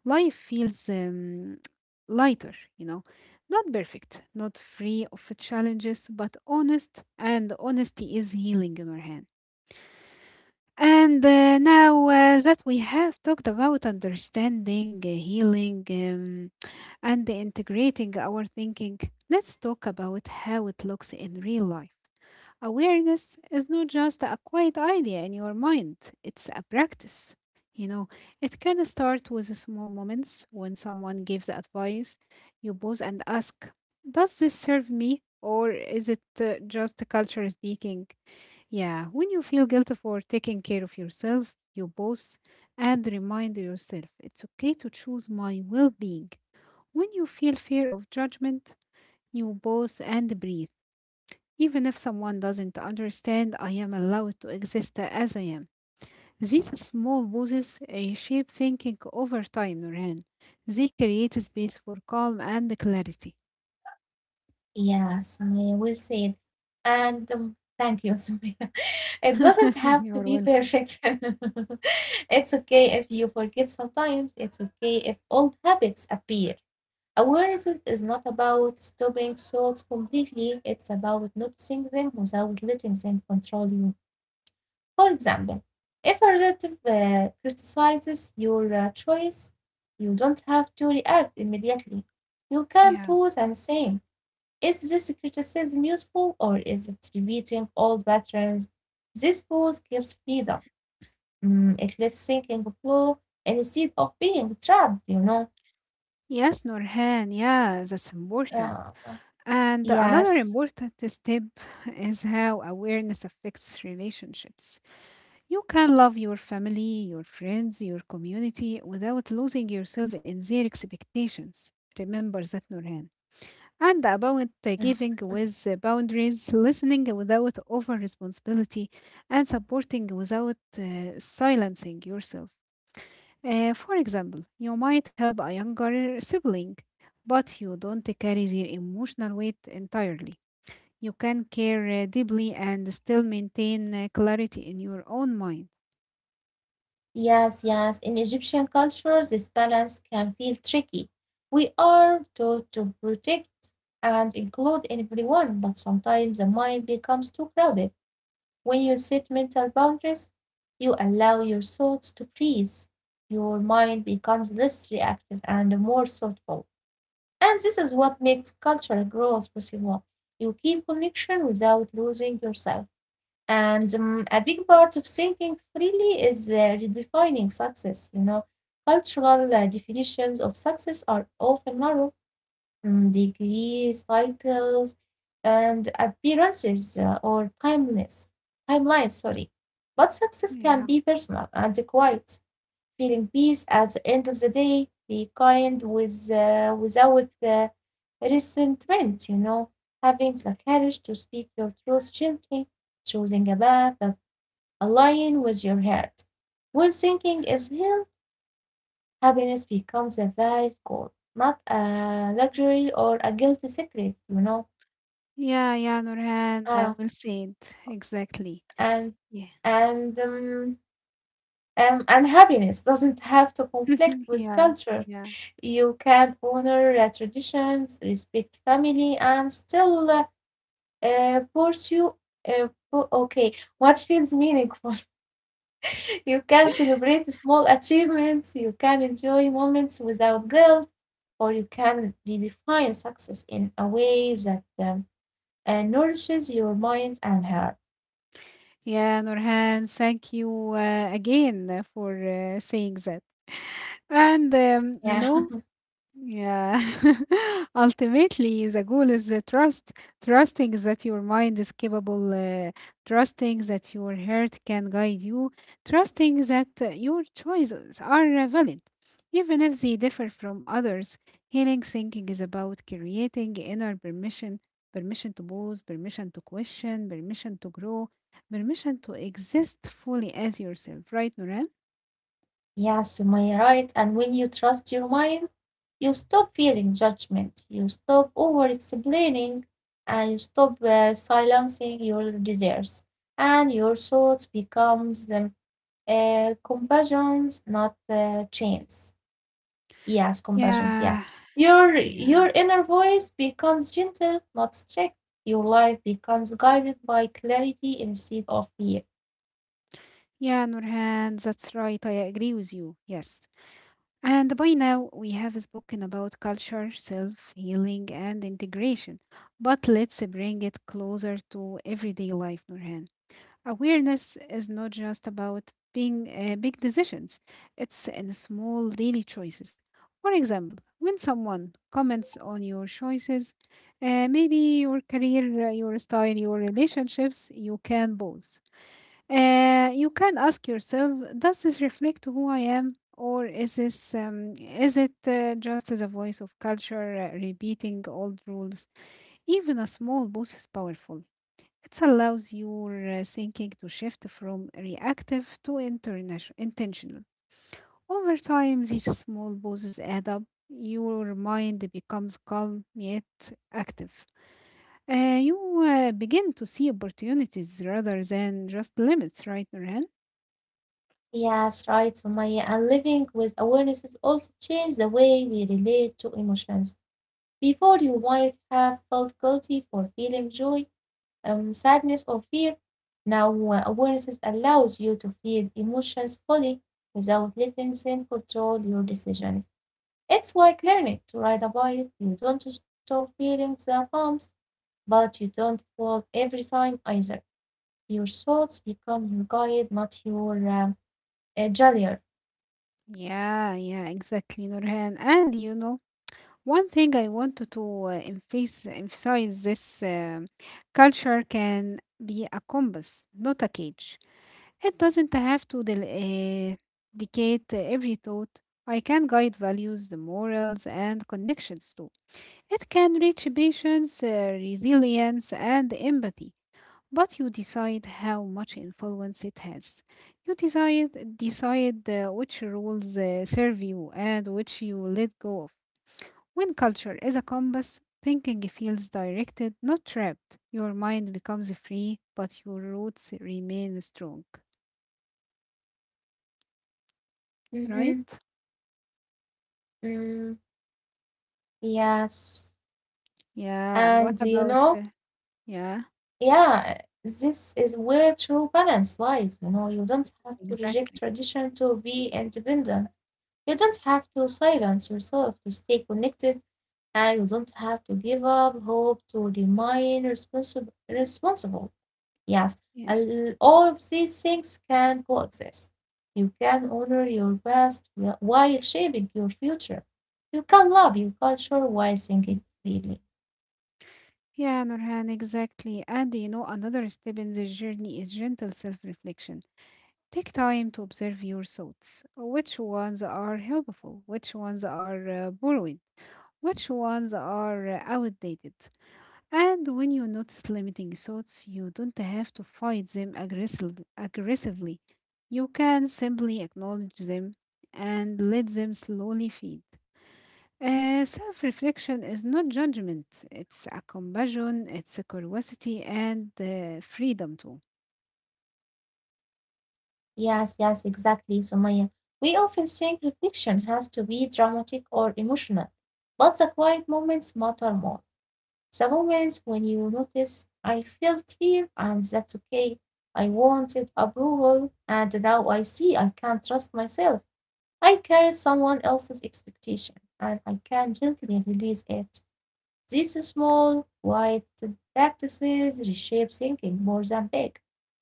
life feels lighter, you know. Not perfect, not free of challenges, but honest, and honesty is healing, Nurhan. And now that we have talked about understanding, healing, and integrating our thinking, let's talk about how it looks in real life. Awareness is not just a quiet idea in your mind, it's a practice. You know, it can start with small moments when someone gives advice. You pause and ask, does this serve me? Or is it just culture speaking? Yeah, when you feel guilty for taking care of yourself, your boss, and remind yourself it's okay to choose my well being. When you feel fear of judgment, you boss and breathe. Even if someone doesn't understand, I am allowed to exist as I am. These small pauses reshape thinking over time, Nurhan. They create a space for calm and clarity.
Yes, Sumaya, we'll see it. And thank you, Sumaya. It doesn't have to be
You're welcome.
perfect. It's okay if you forget sometimes. It's okay if old habits appear. Awareness is not about stopping thoughts completely, it's about noticing them without letting them control you. For example, if a relative criticizes your choice, you don't have to react immediately. You can
Yeah.
pause and say, is this criticism useful, or is it repeating old patterns? This pause gives freedom. It lets thinking flow instead of being trapped.
Yes, Nurhan. Yeah, that's important.
Yeah.
And another
Yes.
important step is how awareness affects relationships. You can love your family, your friends, your community without losing yourself in their expectations. Remember that, Nurhan. And about giving with boundaries, listening without over responsibility, and supporting without silencing yourself. For example, you might help a younger sibling, but you don't carry their emotional weight entirely. You can care deeply and still maintain clarity in your own mind.
Yes, yes. In Egyptian culture, this balance can feel tricky. We are taught to protect and include everyone, but sometimes the mind becomes too crowded. When you set mental boundaries, you allow your thoughts to freeze. Your mind becomes less reactive and more thoughtful. And this is what makes cultural growth possible. You keep connection without losing yourself. And a big part of thinking freely is redefining success. You know, cultural definitions of success are often narrow. Mm, degrees, titles, and appearances, or timeless timelines. Sorry, But success can
Yeah.
be personal and quiet: feeling peace at the end of the day, be kind without resentment, having the courage to speak your truth gently, choosing a path that aligns with your heart. When thinking is healed, happiness becomes a valid goal, not a luxury or a guilty secret.
Yeah, yeah, Nurhan,
Ah,
well said. Exactly.
and
Yeah.
and um, and happiness doesn't have to conflict with
yeah.
culture.
Yeah.
You can honor traditions, respect family, and still pursue. Uh, okay, what feels meaningful? You can celebrate small achievements, you can enjoy moments without guilt, or you can redefine success in a way that nourishes your mind and heart.
Yeah, Nurhan, thank you again for saying that. And you
Yeah.
know, yeah. Ultimately, the goal is the trust. Trusting that your mind is capable, trusting that your heart can guide you, trusting that your choices are valid, even if they differ from others. Healing thinking is about creating inner permission permission to pause, permission to question, permission to grow, permission to exist fully as yourself, right, Noran?
Yeah, Sumaya, right. And when you trust your mind, you stop fearing judgment, you stop over explaining, and you stop silencing your desires. And your thoughts becomes compassions, not chains. Yes, compassions, yes.
Yeah,
Your
yeah,
your inner voice becomes gentle, not strict. Your life becomes guided by clarity instead of fear.
yeah, Nurhan, that's right. I agree with you. Yes. And by now, we have spoken about culture, self healing, and integration. But let's bring it closer to everyday life, Nurhan. Awareness is not just about being big decisions, it's in small daily choices. For example, when someone comments on your choices, maybe your career, your style, your relationships, you can pause. You can ask yourself, does this reflect who I am? Or is this is it just as a voice of culture repeating old rules? Even a small pause is powerful. It allows your thinking to shift from reactive to intentional. Over time, these small pauses add up. Your mind becomes calm yet active. You begin to see opportunities rather than just limits, right, Nurhan?
Yes, right, Sumaya. And living with awareness is also change the way we relate to emotions. Before, you might have felt guilty for feeling joy, sadness, or fear. Now awareness allows you to feel emotions fully without letting them control your decisions. It's like learning to ride a bike. You don't stop feeling the bumps, but you don't fall every time either. Your thoughts become your guide, not your jailer.
Yeah, yeah, exactly, Nurhan. And you know, one thing I wanted to emphasize this culture can be a compass, not a cage. It doesn't have to dictate every thought. I can guide values, the morals, and connections too. It can reach patience, resilience, and empathy. But you decide how much influence it has. You decide which rules serve you and which you let go of. When culture is a compass, thinking feels directed, not trapped. Your mind becomes free, but your roots remain strong. Right?
Mhm. Mm, yes.
Yeah. And
And
what
you
about?
know,
Yeah.
yeah, this is where true balance lies. You know, you don't have to reject
Exactly.
tradition to be independent. You don't have to silence yourself to stay connected, and you don't have to give up hope to remain responsible. Responsible, yes.
Yeah.
And all of these things can coexist. You can honor your past while shaping your future. You can love your culture while thinking freely.
Yeah, Nurhan, exactly. And you know, another step in this journey is gentle self reflection. Take time to observe your thoughts. Which ones are helpful? Which ones are borrowed? Which ones are outdated? And when you notice limiting thoughts, you don't have to fight them aggressively. You can simply acknowledge them and let them slowly feed. Self reflection is not judgment, it's a compassion, it's a curiosity, and freedom too.
Yes, yes, exactly, Sumaya. We often think reflection has to be dramatic or emotional, but the quiet moments matter more. The moments when you notice, I felt here and that's okay. I wanted approval and now I see I can't trust myself. I carry someone else's expectation and I can gently release it. These small, quiet practices reshape thinking more than big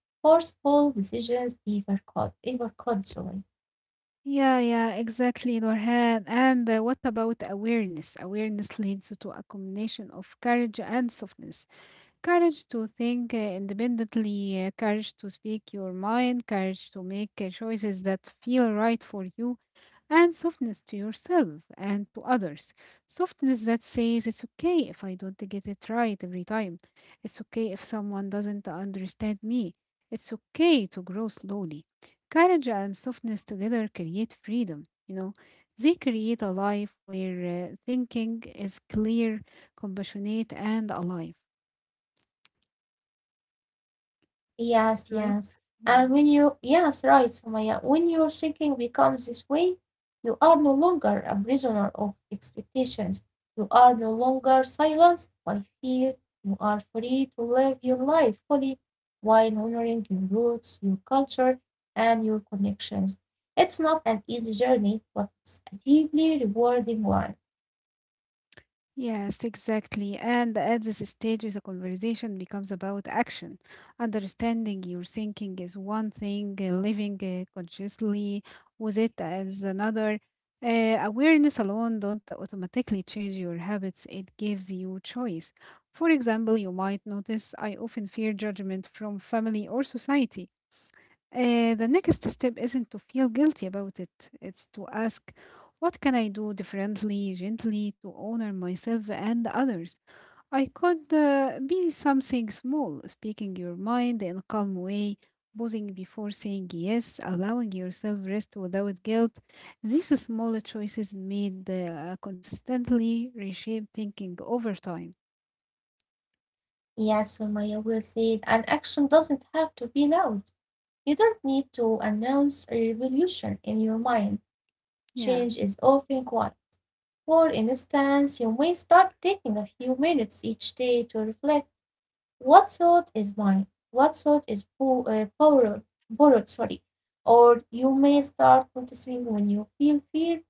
forceful decisions ever could sorry.
Yeah, yeah, exactly, Norhan. And what about awareness? Awareness leads to a combination of courage and softness. Courage to think independently, courage to speak your mind, courage to make choices that feel right for you, and softness to yourself and to others. Softness that says it's okay if I don't get it right every time. It's okay if someone doesn't understand me. It's okay to grow slowly. Courage and softness together create freedom, you know. They create a life where thinking is clear, compassionate, and alive.
Yes, yes.
Right?
And when
Yeah.
you yes, right, Sumaya, when your thinking becomes this way, you are no longer a prisoner of expectations. You are no longer silenced by fear. You are free to live your life fully while honoring your roots, your culture, and your connections. It's not an easy journey, but it's a deeply rewarding one.
Yes, exactly. And at this stage, the conversation becomes about action. Understanding your thinking is one thing, living consciously with it is another. Awareness alone don't automatically change your habits. It gives you choice. For example, you might notice I often fear judgment from family or society. The next step isn't to feel guilty about it, it's to ask, what can I do differently, gently, to honor myself and others? I could be something small, speaking your mind in a calm way, pausing before saying yes, allowing yourself rest without guilt. These small choices made consistently reshape thinking over time.
Yeah, Sumaya will say, an action doesn't have to be loud. You don't need to announce a revolution in your mind.
Yeah.
Change is often quiet. For instance, you may start taking a few minutes each day to reflect: what thought is mine, what thought is po- borrowed, borrowed, sorry. Or you may start noticing when you feel fear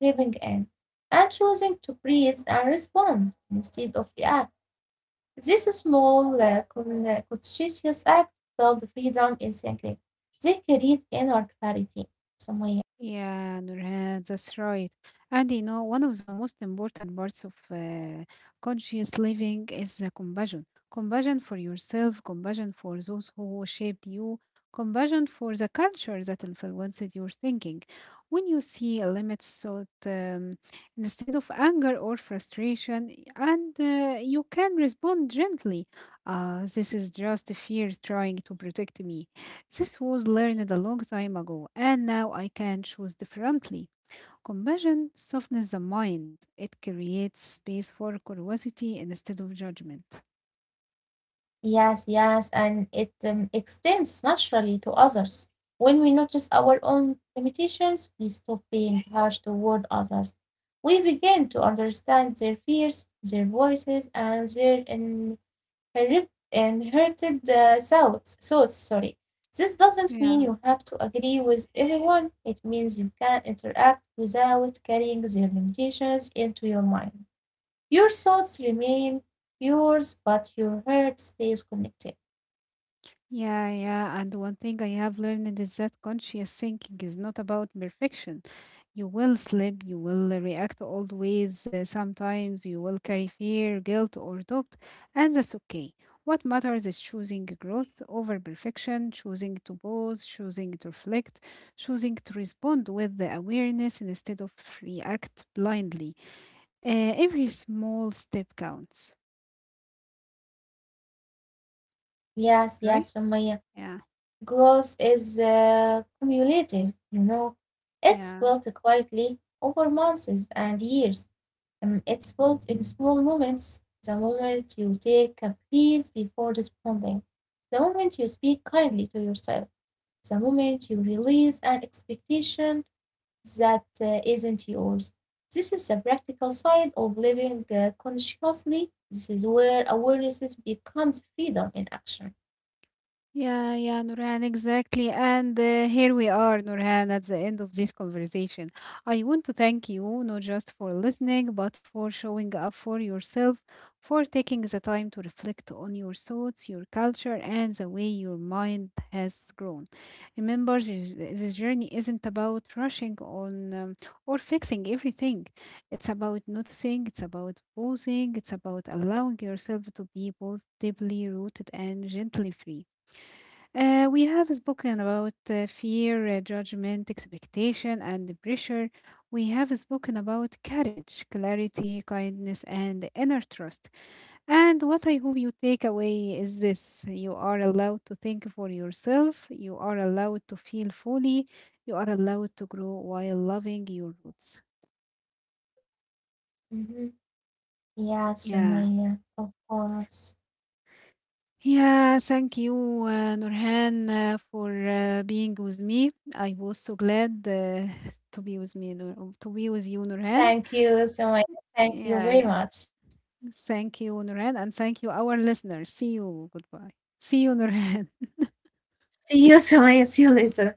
creeping in and choosing to breathe and respond instead of react. This small, like, conscientious act builds freedom in thinking. They create inner clarity, Sumaya.
Yeah, Nurhan, that's right. And you know, one of the most important parts of conscious living is the compassion. Compassion for yourself, compassion for those who shaped you, compassion for the culture that influenced your thinking. When you see limits thought instead of anger or frustration, and you can respond gently, this is just fear trying to protect me. This was learned a long time ago, and now I can choose differently. Compassion softens the mind, it creates space for curiosity instead of judgment.
Yes, yes, and it extends naturally to others. When we notice our own limitations, we stop being harsh toward others. We begin to understand their fears, their voices, and their inherited thoughts. Thoughts, sorry. This doesn't mean
Yeah.
you have to agree with everyone. It means you can interact without carrying their limitations into your mind. Your thoughts remain yours, but your heart stays connected.
Yeah, yeah, and one thing I have learned is that conscious thinking is not about perfection. You will slip, you will react old ways, sometimes you will carry fear, guilt, or doubt, and that's okay. What matters is choosing growth over perfection, choosing to pause, choosing to reflect, choosing to respond with the awareness instead of react blindly. Every small step counts,
Yes,
right?
yes, Sumaya.
Yeah,
Growth is cumulative, you know. It's
yeah.
built quietly over months and years. It's built in small moments. The moment you take a breath before responding, the moment you speak kindly to yourself, the moment you release an expectation that isn't yours. This is the practical side of living consciously. This is where awareness becomes freedom in action.
Yeah, yeah, Nurhan, exactly. And here we are, Nurhan, at the end of this conversation. I want to thank you, not just for listening, but for showing up for yourself, for taking the time to reflect on your thoughts, your culture, and the way your mind has grown. Remember, this journey isn't about rushing on or fixing everything. It's about noticing, it's about pausing, it's about allowing yourself to be both deeply rooted and gently free. We have spoken about fear, judgment, expectation, and the pressure. We have spoken about courage, clarity, kindness, and inner trust. And what I hope you take away is this you are allowed to think for yourself, you are allowed to feel fully, you are allowed to grow while loving your roots.
Mhm. Yeah,
Yeah.
Sumaya, of course.
Yeah, thank you, Nurhan, for being with me. I was so glad to be with me, to be with you, Nurhan.
Thank you, Sumaya. Thank you
Yeah,
very
yeah.
much.
Thank you, Nurhan, and thank you, our listeners. See you. Goodbye. See you, Nurhan.
See you, Samaya. See you later.